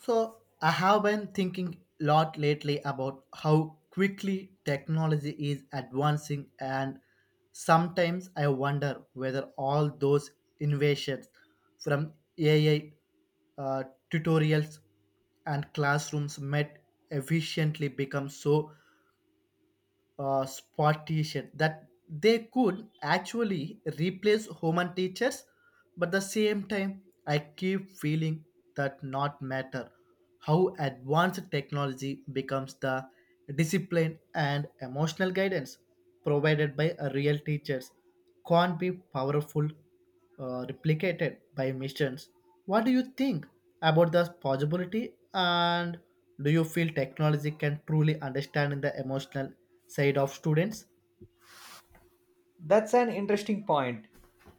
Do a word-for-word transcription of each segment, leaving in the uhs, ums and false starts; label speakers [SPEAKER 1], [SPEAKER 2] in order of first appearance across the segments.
[SPEAKER 1] So, I have been thinking a lot lately about how quickly technology is advancing, and sometimes I wonder whether all those innovations from A I uh, tutorials and classrooms might efficiently become so uh, sportation that they could actually replace human teachers but the same time I keep feeling that not matter how advanced technology becomes the discipline and emotional guidance provided by a real teachers can't be powerful uh, replicated by missions. What do you think about the possibility? And do you feel technology can truly understand the emotional side of students?
[SPEAKER 2] That's an interesting point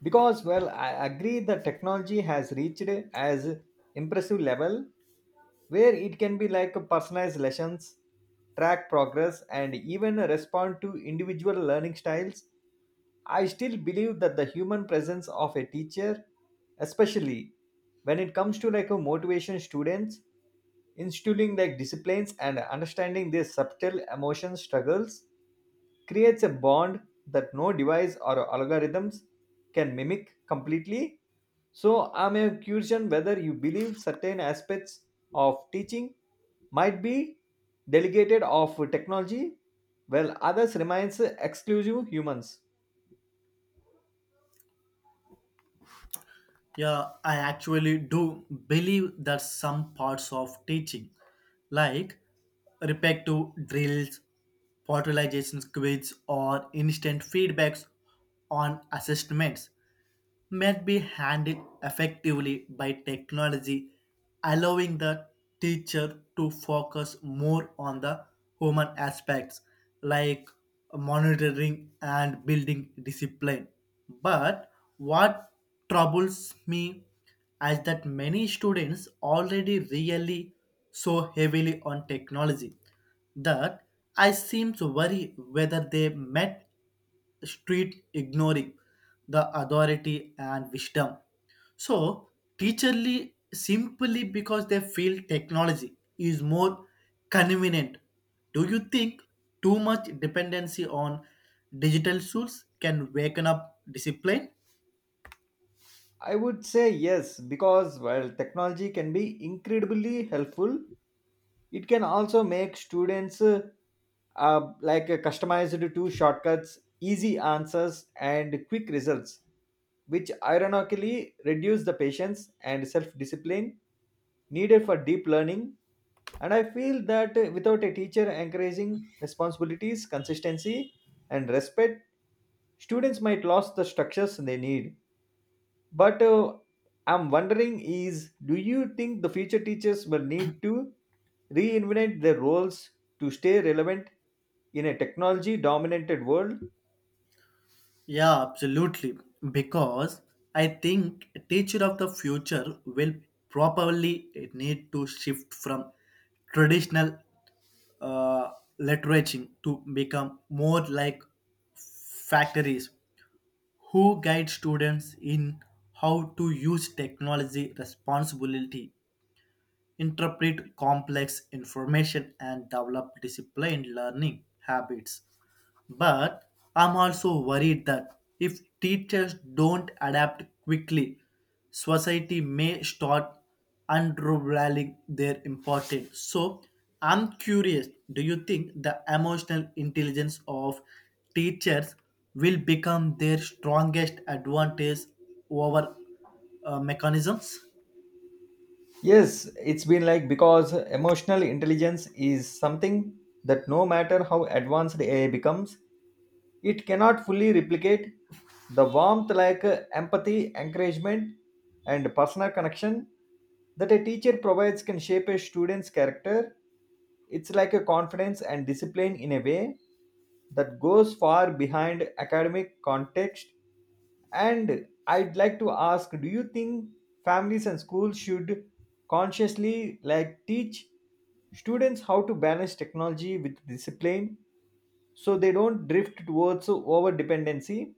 [SPEAKER 2] because, well, I agree the technology has reached as impressive level where it can be like personalized lessons, track progress, and even respond to individual learning styles. I still believe that the human presence of a teacher, especially when it comes to like a motivation students, instilling like disciplines and understanding their subtle emotion struggles creates a bond that no device or algorithms can mimic completely. So, I'm a question whether you believe certain aspects of teaching might be delegated of technology while others remains exclusive humans.
[SPEAKER 1] Yeah, I actually do believe that some parts of teaching, like repetitive drills, portalization quizzes, or instant feedbacks on assessments, might be handled effectively by technology allowing the teacher to focus more on the human aspects like monitoring and building discipline. But what troubles me is that many students already really so heavily on technology that I seem to worry whether they met street ignoring the authority and wisdom. So, teacherly simply because they feel technology is more convenient. Do you think too much dependency on digital tools can waken up discipline?
[SPEAKER 2] I would say yes because while technology can be incredibly helpful. It can also make students uh, uh, like uh, customized to shortcuts, easy answers, and quick results, which ironically reduce the patience and self-discipline needed for deep learning. And I feel that uh, without a teacher encouraging responsibilities, consistency, and respect, students might lose the structures they need. But uh, I'm wondering is do you think the future teachers will need to reinvent their roles to stay relevant in a technology dominated world?
[SPEAKER 1] Yeah, absolutely. Because I think a teacher of the future will probably need to shift from traditional uh, literature to become more like factories who guide students in how to use technology responsibility interpret complex information, and develop disciplined learning habits. But I'm also worried that if teachers don't adapt quickly, society may start undervaluing their importance. So I'm curious, do you think the emotional intelligence of teachers will become their strongest advantage over uh, mechanisms?
[SPEAKER 2] Yes, it's been like because emotional intelligence is something that no matter how advanced A I becomes, it cannot fully replicate the warmth like uh, empathy, encouragement, and personal connection that a teacher provides can shape a student's character. It's like a confidence and discipline in a way that goes far behind academic context. And I'd like to ask do you think families and schools should consciously like teach students how to balance technology with discipline so they don't drift towards over dependency.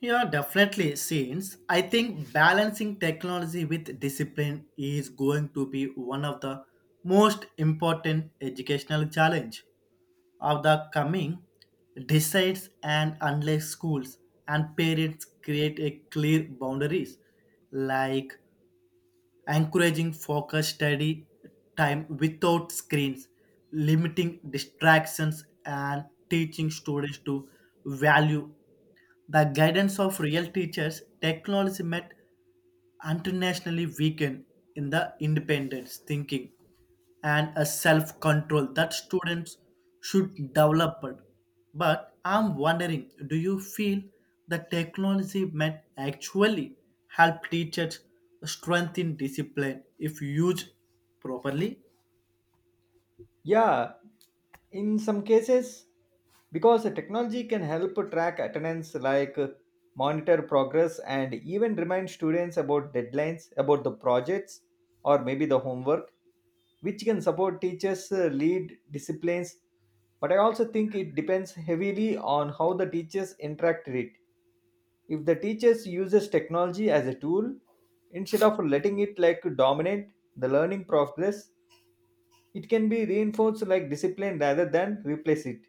[SPEAKER 1] Yeah, definitely. Since I think balancing technology with discipline is going to be one of the most important educational challenge of the coming decides and unless schools and parents create a clear boundaries like encouraging focused study time without screens, limiting distractions, and teaching students to value the guidance of real teachers. Technology met internationally weakened in the independence thinking and a self control that students should develop. But I'm wondering do you feel the technology might actually help teachers strengthen discipline if used properly?
[SPEAKER 2] Yeah, in some cases because the technology can help track attendance like uh, monitor progress and even remind students about deadlines about the projects or maybe the homework, which can support teachers uh, lead disciplines. But I also think it depends heavily on how the teachers interact with it. If the teachers uses technology as a tool instead of letting it like dominate the learning progress, it can be reinforced like discipline rather than replace it.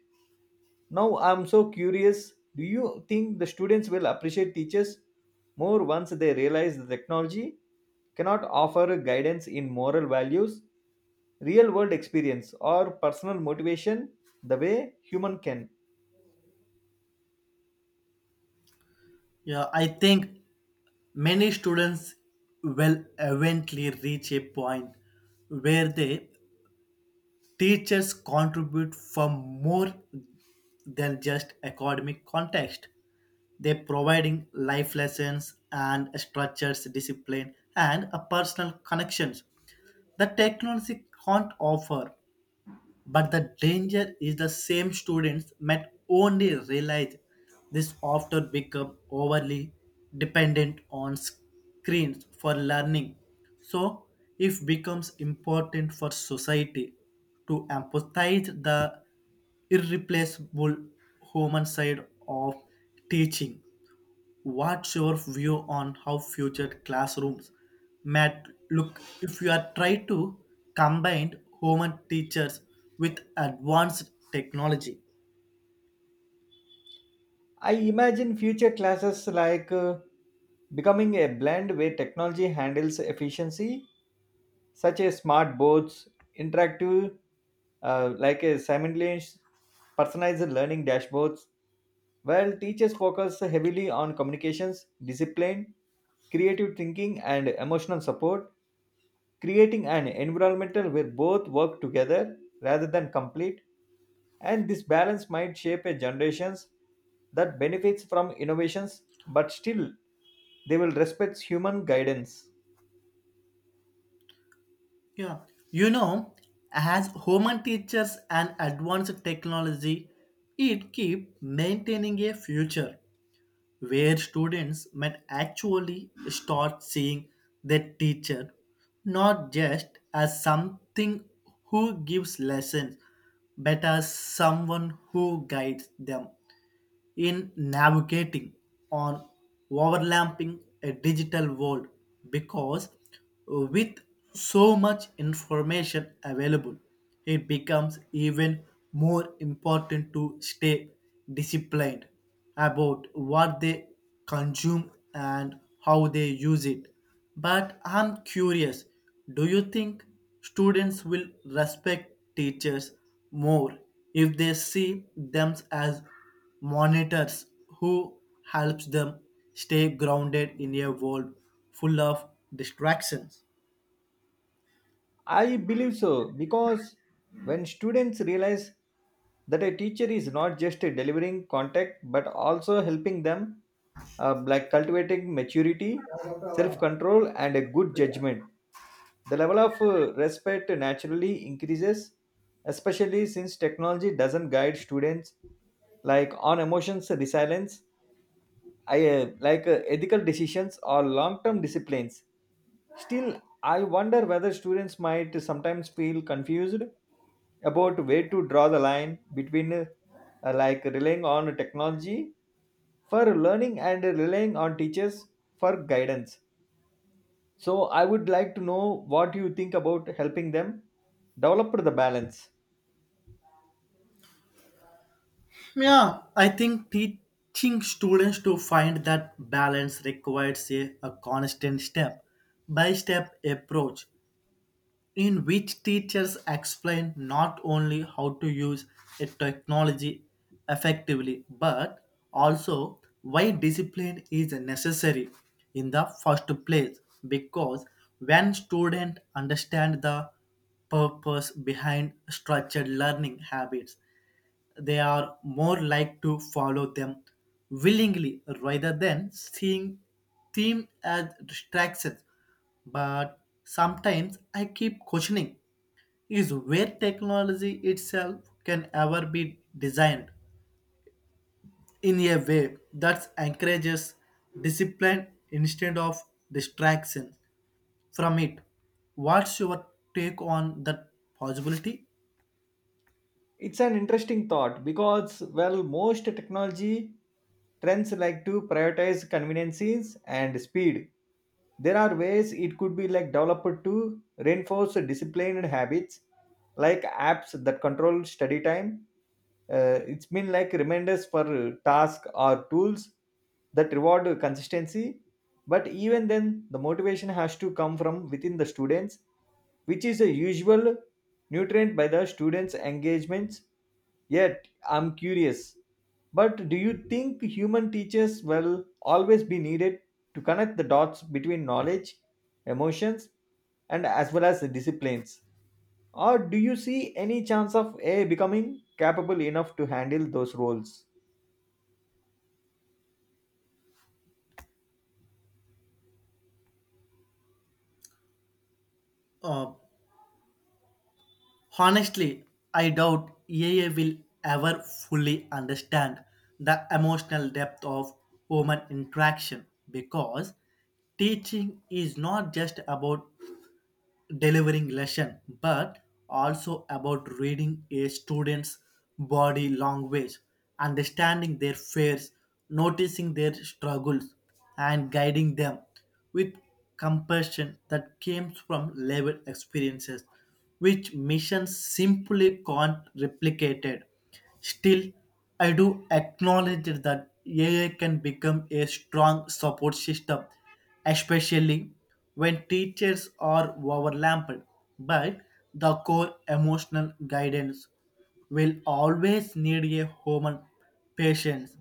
[SPEAKER 2] Now I'm so curious, do you think the students will appreciate teachers more once they realize the technology cannot offer guidance in moral values, real world experience or personal motivation the way human can?
[SPEAKER 1] Yeah, I think many students will eventually reach a point where they Teachers contribute for more than just academic context. They providing life lessons and structures, discipline, and a personal connections the technology can't offer. But the danger is the same students might only realize this after become overly dependent on screens for learning. So it becomes important for society to emphasize the irreplaceable human side of teaching. What's your view on how future classrooms might look if you are trying to combine human teachers with advanced technology?
[SPEAKER 2] I imagine future classes like uh, becoming a blend where technology handles efficiency such as smart boards, interactive, uh, like a simultaneous personalized learning dashboards, while teachers focus heavily on communications, discipline, creative thinking, and emotional support, creating an environment where both work together rather than complete. And this balance might shape a generations that benefits from innovations, but still they will respect human guidance.
[SPEAKER 1] Yeah, you know, as human teachers and advanced technology, it keep maintaining a future where students might actually start seeing their teacher not just as something who gives lessons but as someone who guides them in navigating on overlapping a digital world because with so much information available it becomes even more important to stay disciplined about what they consume and how they use it. But I'm curious, do you think students will respect teachers more if they see them as monitors who helps them stay grounded in a world full of distractions?
[SPEAKER 2] I believe so because when students realize that a teacher is not just delivering content but also helping them uh, like cultivating maturity, self control, and a good judgment, the level of uh, respect naturally increases, especially since technology doesn't guide students like on emotions resilience. I uh, like uh, ethical decisions or long-term disciplines. Still, I wonder whether students might sometimes feel confused about where to draw the line between uh, like relying on technology for learning and relying on teachers for guidance. So I would like to know what you think about helping them develop the balance.
[SPEAKER 1] Yeah, I think teaching students to find that balance requires a, a constant step by step approach in which teachers explain not only how to use a technology effectively but also why discipline is necessary in the first place because when students understand the purpose behind structured learning habits they are more like to follow them willingly rather than seeing them as distractions. But sometimes I keep questioning is where technology itself can ever be designed in a way that encourages discipline instead of distraction from it. What's your take on that possibility?
[SPEAKER 2] It's an interesting thought because well most technology trends like to prioritize conveniences and speed. There are ways it could be like developed to reinforce disciplined habits like apps that control study time, uh, it's been like reminders for uh, task or tools that reward uh, consistency. But even then the motivation has to come from within the students, which is a usual nutrient by the students engagements. Yet I'm curious, but do you think human teachers will always be needed to connect the dots between knowledge, emotions, and as well as the disciplines, or do you see any chance of A I becoming capable enough to handle those roles?
[SPEAKER 1] Uh, Honestly, I doubt A I will ever fully understand the emotional depth of human interaction because teaching is not just about delivering lesson but also about reading a student's body language, understanding their fears, noticing their struggles, and guiding them with compassion that comes from lived experiences, which missions simply can't replicate. Still, I do acknowledge that A I can become a strong support system, especially when teachers are overlapped. But the core emotional guidance will always need a human patience.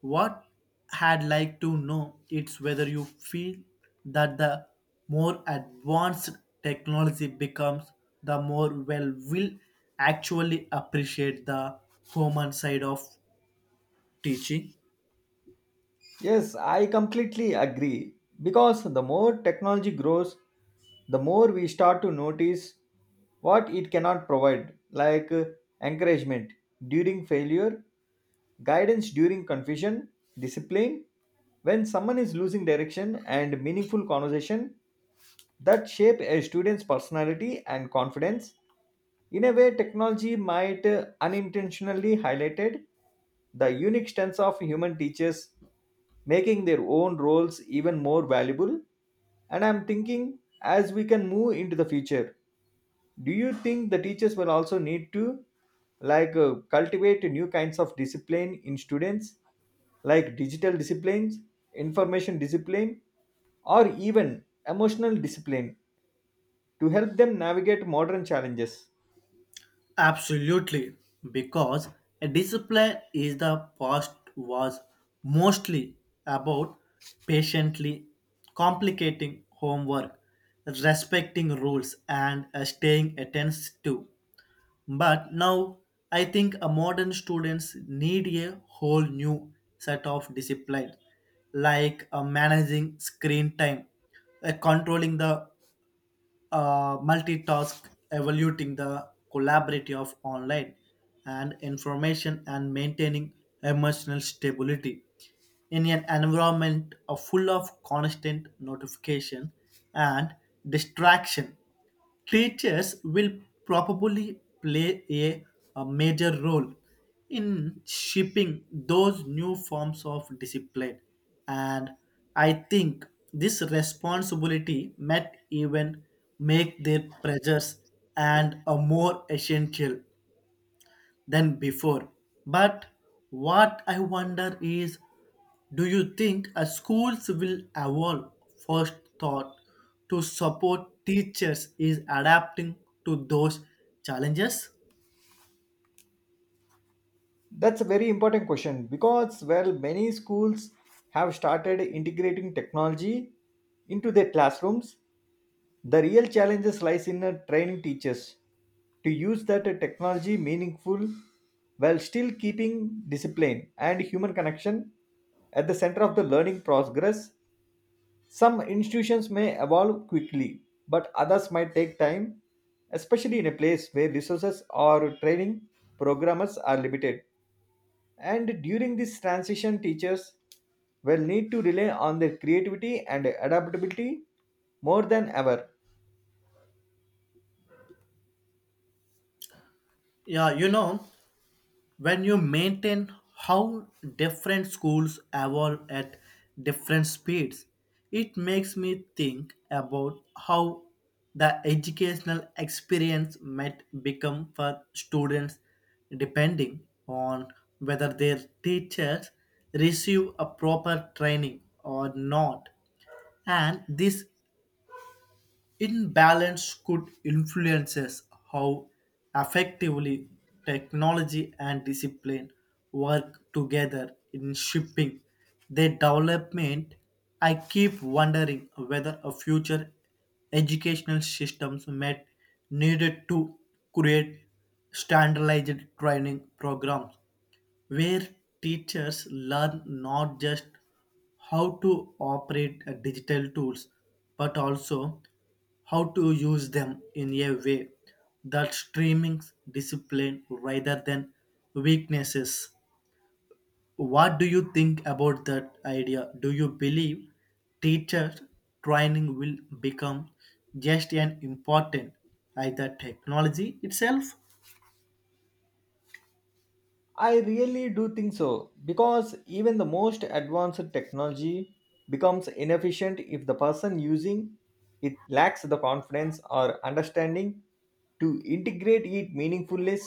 [SPEAKER 1] What I'd like to know is whether you feel that the more advanced technology becomes, the more well will actually appreciate the human side of teaching.
[SPEAKER 2] Yes, I completely agree. Because the more technology grows, the more we start to notice what it cannot provide, like uh, encouragement during failure, guidance during confusion, discipline when someone is losing direction, and meaningful conversation that shape a student's personality and confidence. In a way, technology might uh, unintentionally highlighted the unique strengths of human teachers, making their own roles even more valuable. And I'm thinking, as we can move into the future, do you think the teachers will also need to like uh, cultivate new kinds of discipline in students, like digital disciplines, information discipline, or even emotional discipline to help them navigate modern challenges?
[SPEAKER 1] Absolutely, because a discipline is the past was mostly about patiently complicating homework, respecting rules, and uh, staying attentive. But now I think a modern students need a whole new set of disciplines, like uh, managing screen time, uh, controlling the uh, multitask, evaluating the collaborative of online and information, and maintaining emotional stability in an environment of full of constant notification and distraction. Teachers will probably play a, a major role in shaping those new forms of discipline. And I think this responsibility might even make their pressures and a more essential than before. But what I wonder is, do you think uh, schools will evolve first thought to support teachers is adapting to those challenges?
[SPEAKER 2] That's a very important question because, well, many schools have started integrating technology into their classrooms. The real challenges lies in uh, training teachers to use that uh, technology meaningful while still keeping discipline and human connection at the center of the learning progress. Some institutions may evolve quickly, but others might take time, especially in a place where resources or training programmers are limited. And during this transition, teachers will need to rely on their creativity and adaptability more than ever.
[SPEAKER 1] Yeah, you know, when you maintain how different schools evolve at different speeds, it makes me think about how the educational experience might become for students depending on whether their teachers receive a proper training or not. And this imbalance could influences how effectively technology and discipline work together in shipping their development. I keep wondering whether a future educational systems met needed to create standardized training programs where teachers learn not just how to operate uh, digital tools but also how to use them in a way that streamings discipline rather than weaknesses. What do you think about that idea? Do you believe teacher training will become just an important as the technology itself?
[SPEAKER 2] I really do think so because even the most advanced technology becomes inefficient if the person using it lacks the confidence or understanding to integrate it meaningfully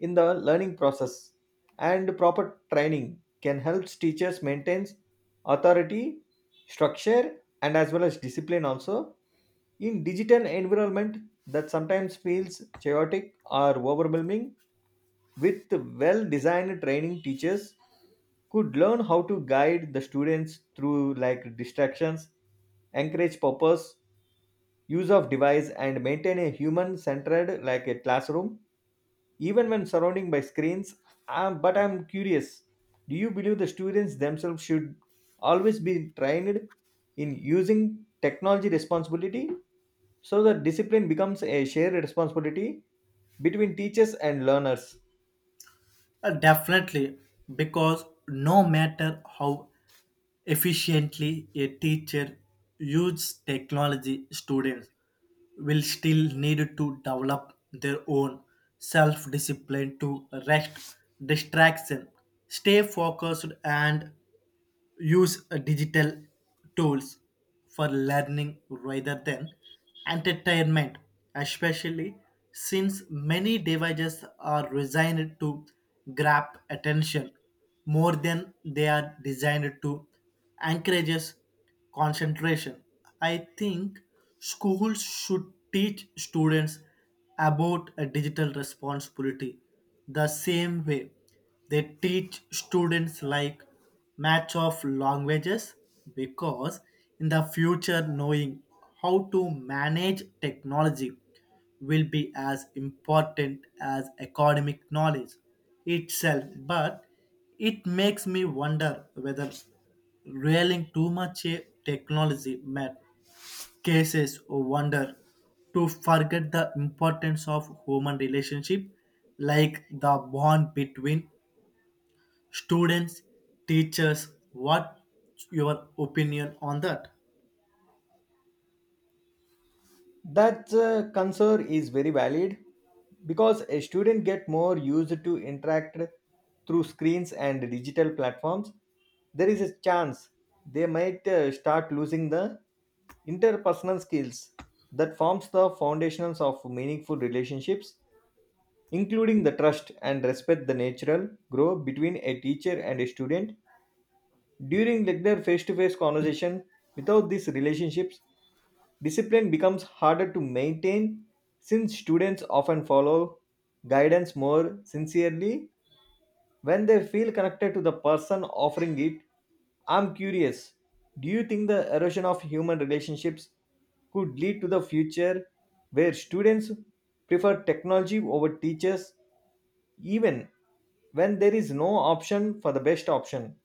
[SPEAKER 2] in the learning process. And proper training can help teachers maintain authority, structure, and as well as discipline also in digital environment that sometimes feels chaotic or overwhelming. With well designed training, teachers could learn how to guide the students through like distractions, encourage purpose use of device, and maintain a human centered like a classroom even when surrounding by screens. Um, but I'm curious, do you believe the students themselves should always be trained in using technology responsibility so that discipline becomes a shared responsibility between teachers and learners?
[SPEAKER 1] Uh, Definitely, because no matter how efficiently a teacher uses technology, students will still need to develop their own self discipline to rest distraction, stay focused, and use uh, digital tools for learning rather than entertainment, especially since many devices are designed to grab attention more than they are designed to encourage us concentration. I think schools should teach students about a digital responsibility the same way they teach students like match of languages because in the future knowing how to manage technology will be as important as academic knowledge itself, but it makes me wonder whether railing too much eh, technology met cases or wonder to forget the importance of human relationship like the bond between students teachers. What your opinion on that?
[SPEAKER 2] That uh, concern is very valid because a student get more used to interact through screens and digital platforms. There is a chance they might uh, start losing the interpersonal skills that forms the foundations of meaningful relationships, including the trust and respect the natural grow between a teacher and a student during like their face-to-face conversation. Without these relationships, discipline becomes harder to maintain since students often follow guidance more sincerely when they feel connected to the person offering it. I'm curious, do you think the erosion of human relationships could lead to the future where students prefer technology over teachers even when there is no option for the best option?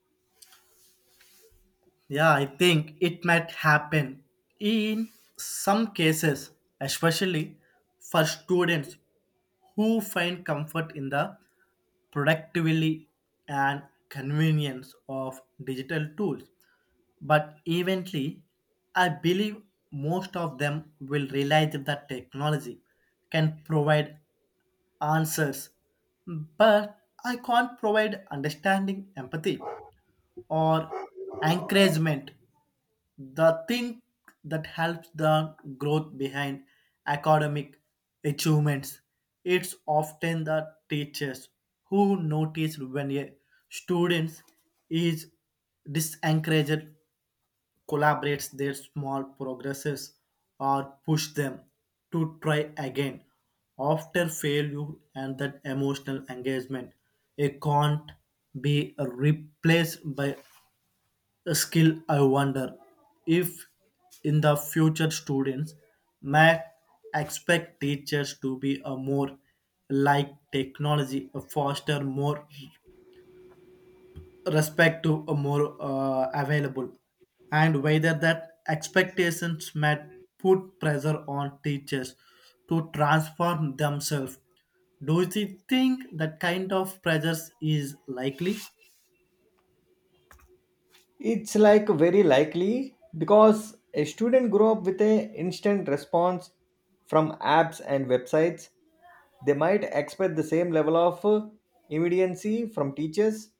[SPEAKER 1] Yeah, I think it might happen in some cases, especially for students who find comfort in the productivity and convenience of digital tools. But eventually, I believe most of them will realize that technology can provide answers, but I can't provide understanding, empathy, or encouragement, the thing that helps the growth behind academic achievements. It's often the teachers who notice when a student is disencouraged, collaborates their small progresses, or push them to try again after failure, and that emotional engagement it can't be replaced by a skill. I wonder if in the future students may expect teachers to be a more like technology, a faster, more respect to a more uh, available, and whether that expectations may put pressure on teachers to transform themselves. Do you think that kind of pressures is likely?
[SPEAKER 2] It's like very likely because a student grew up with a instant response from apps and websites. They might expect the same level of uh, immediacy from teachers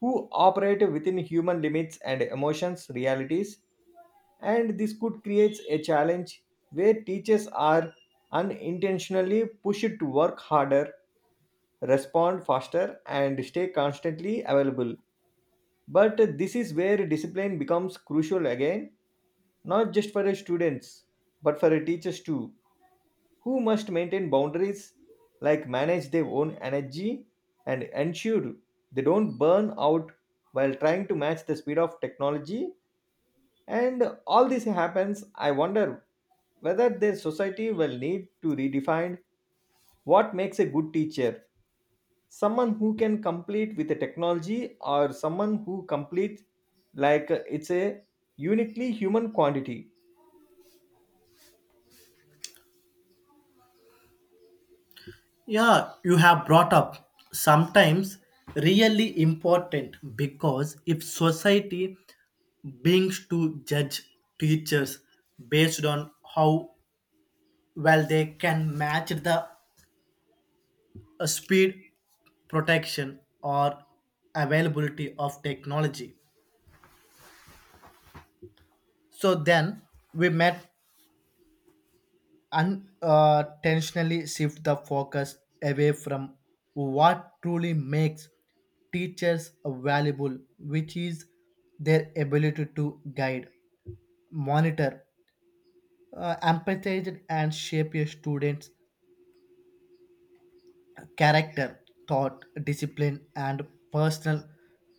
[SPEAKER 2] who operate within human limits and emotions realities. And this could create a challenge where teachers are unintentionally pushed to work harder, respond faster, and stay constantly available. But this is where discipline becomes crucial again, not just for the students, but for the teachers too, who must maintain boundaries, like manage their own energy and ensure they don't burn out while trying to match the speed of technology. And all this happens, I wonder whether their society will need to redefine what makes a good teacher, someone who can complete with the technology or someone who completes like uh, it's a uniquely human quantity.
[SPEAKER 1] Yeah, you have brought up sometimes really important because if society begins to judge teachers based on how well they can match the uh, speed, protection, or availability of technology, so then we met unintentionally shift the focus away from what truly makes teachers valuable, which is their ability to guide, monitor, uh, empathize, and shape a student's character, thought, discipline, and personal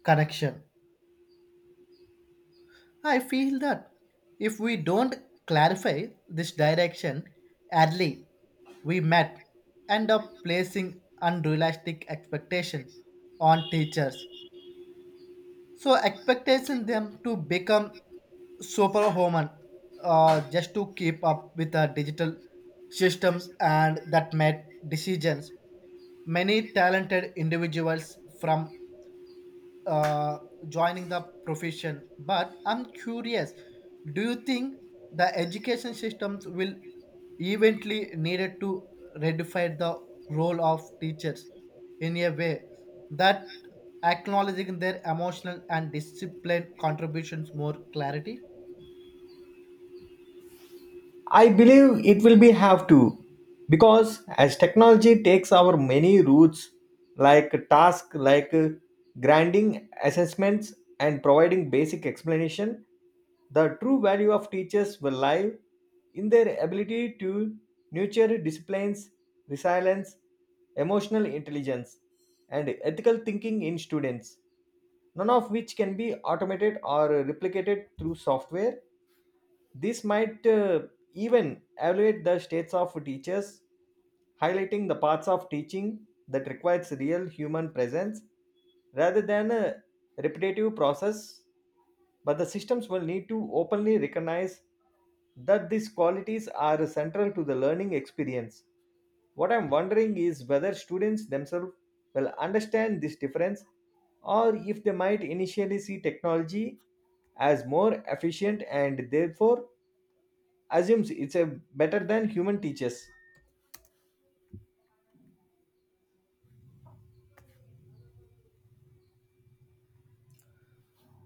[SPEAKER 1] connection. I feel that if we don't clarify this direction early, we might end up placing unrealistic expectation on teachers. So expectation them to become superhuman uh, just to keep up with the digital systems and that made decisions. Many talented individuals from uh, joining the profession. But I'm curious, do you think the education systems will eventually needed to redefine the role of teachers in a way that acknowledging their emotional and discipline contributions more clarity?
[SPEAKER 2] I believe it will be have to because as technology takes our many routes like task like uh, grinding assessments and providing basic explanation, the true value of teachers will lie in their ability to nurture disciplines, resilience, emotional intelligence, and ethical thinking in students, none of which can be automated or replicated through software. This might uh, even evaluate the states of teachers, highlighting the parts of teaching that requires real human presence rather than a repetitive process. But the systems will need to openly recognize that these qualities are central to the learning experience. What I'm wondering is whether students themselves will understand this difference or if they might initially see technology as more efficient and therefore assumes it's a better than human teachers.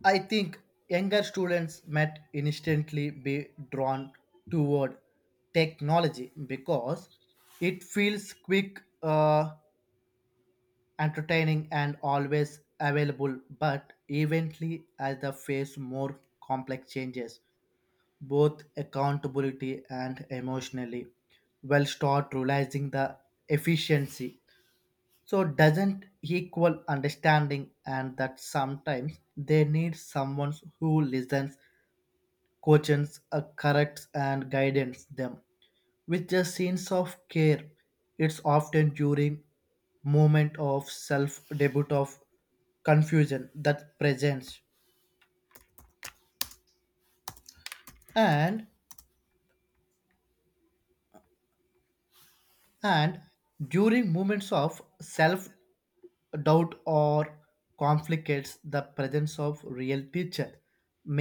[SPEAKER 1] I think younger students might instantly be drawn toward technology because it feels quick, uh, entertaining and always available, but eventually as they face more complex changes, both accountability and emotionally, will start realizing the efficiency. So doesn't equal understanding and that sometimes they need someone who listens, coaches, uh, corrects and guidance them with just scenes of care. It's often during moment of self debut of confusion that presents and and during moments of self doubt or conflicts the presence of real teacher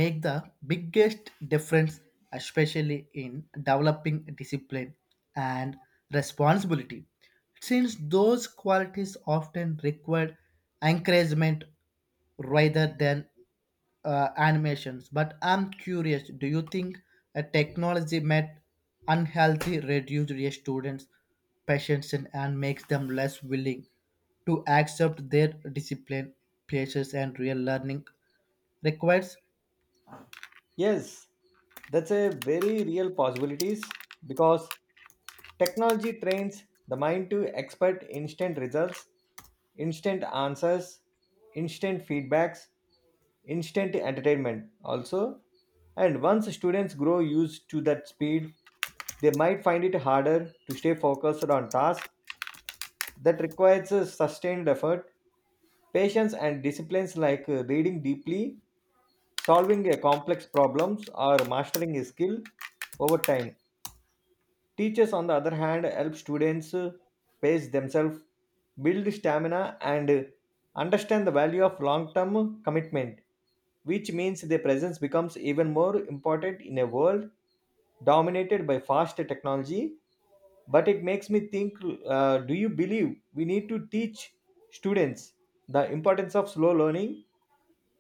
[SPEAKER 1] make the biggest difference, especially in developing discipline and responsibility, since those qualities often require encouragement rather than uh, animations. But I'm curious, do you think a technology might unhealthy reduce your students' patience and and makes them less willing to accept their discipline, places, and real learning requires?
[SPEAKER 2] Yes, that's a very real possibilities because technology trains the mind to expect instant results, instant answers, instant feedbacks, instant entertainment also. And once students grow used to that speed, they might find it harder to stay focused on tasks that requires a sustained effort, patience, and disciplines like uh, reading deeply, solving a complex problems, or mastering a skill over time. Teachers, on the other hand, help students uh, pace themselves, build stamina, and uh, understand the value of long term commitment, which means their presence becomes even more important in a world dominated by fast technology. But it makes me think, uh, do you believe we need to teach students the importance of slow learning,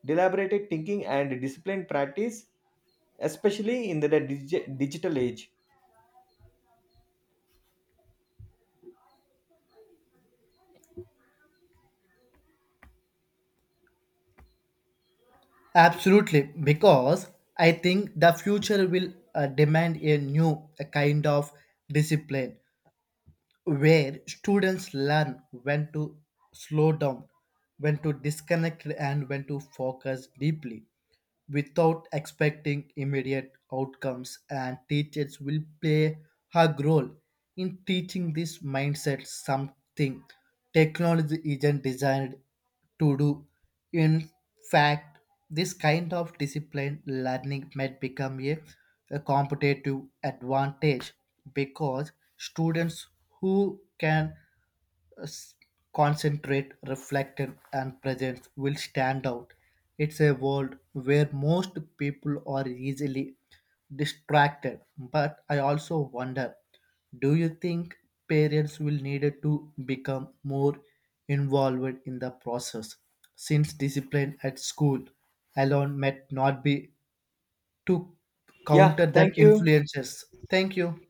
[SPEAKER 2] deliberated thinking, and disciplined practice, especially in the dig- digital age?
[SPEAKER 1] Absolutely, because I think the future will uh, demand a new uh, kind of discipline where students learn when to slow down, when to disconnect, and when to focus deeply without expecting immediate outcomes. And teachers will play a role in teaching this mindset, something technology isn't designed to do. In fact, this kind of disciplined learning might become a, a competitive advantage because students who can concentrate, reflect, and presence will stand out. It's a world where most people are easily distracted, but I also wonder, do you think parents will need to become more involved in the process since discipline at school alone might not be to
[SPEAKER 2] Yeah,
[SPEAKER 1] counter the
[SPEAKER 2] thank you.
[SPEAKER 1] influences? Thank you.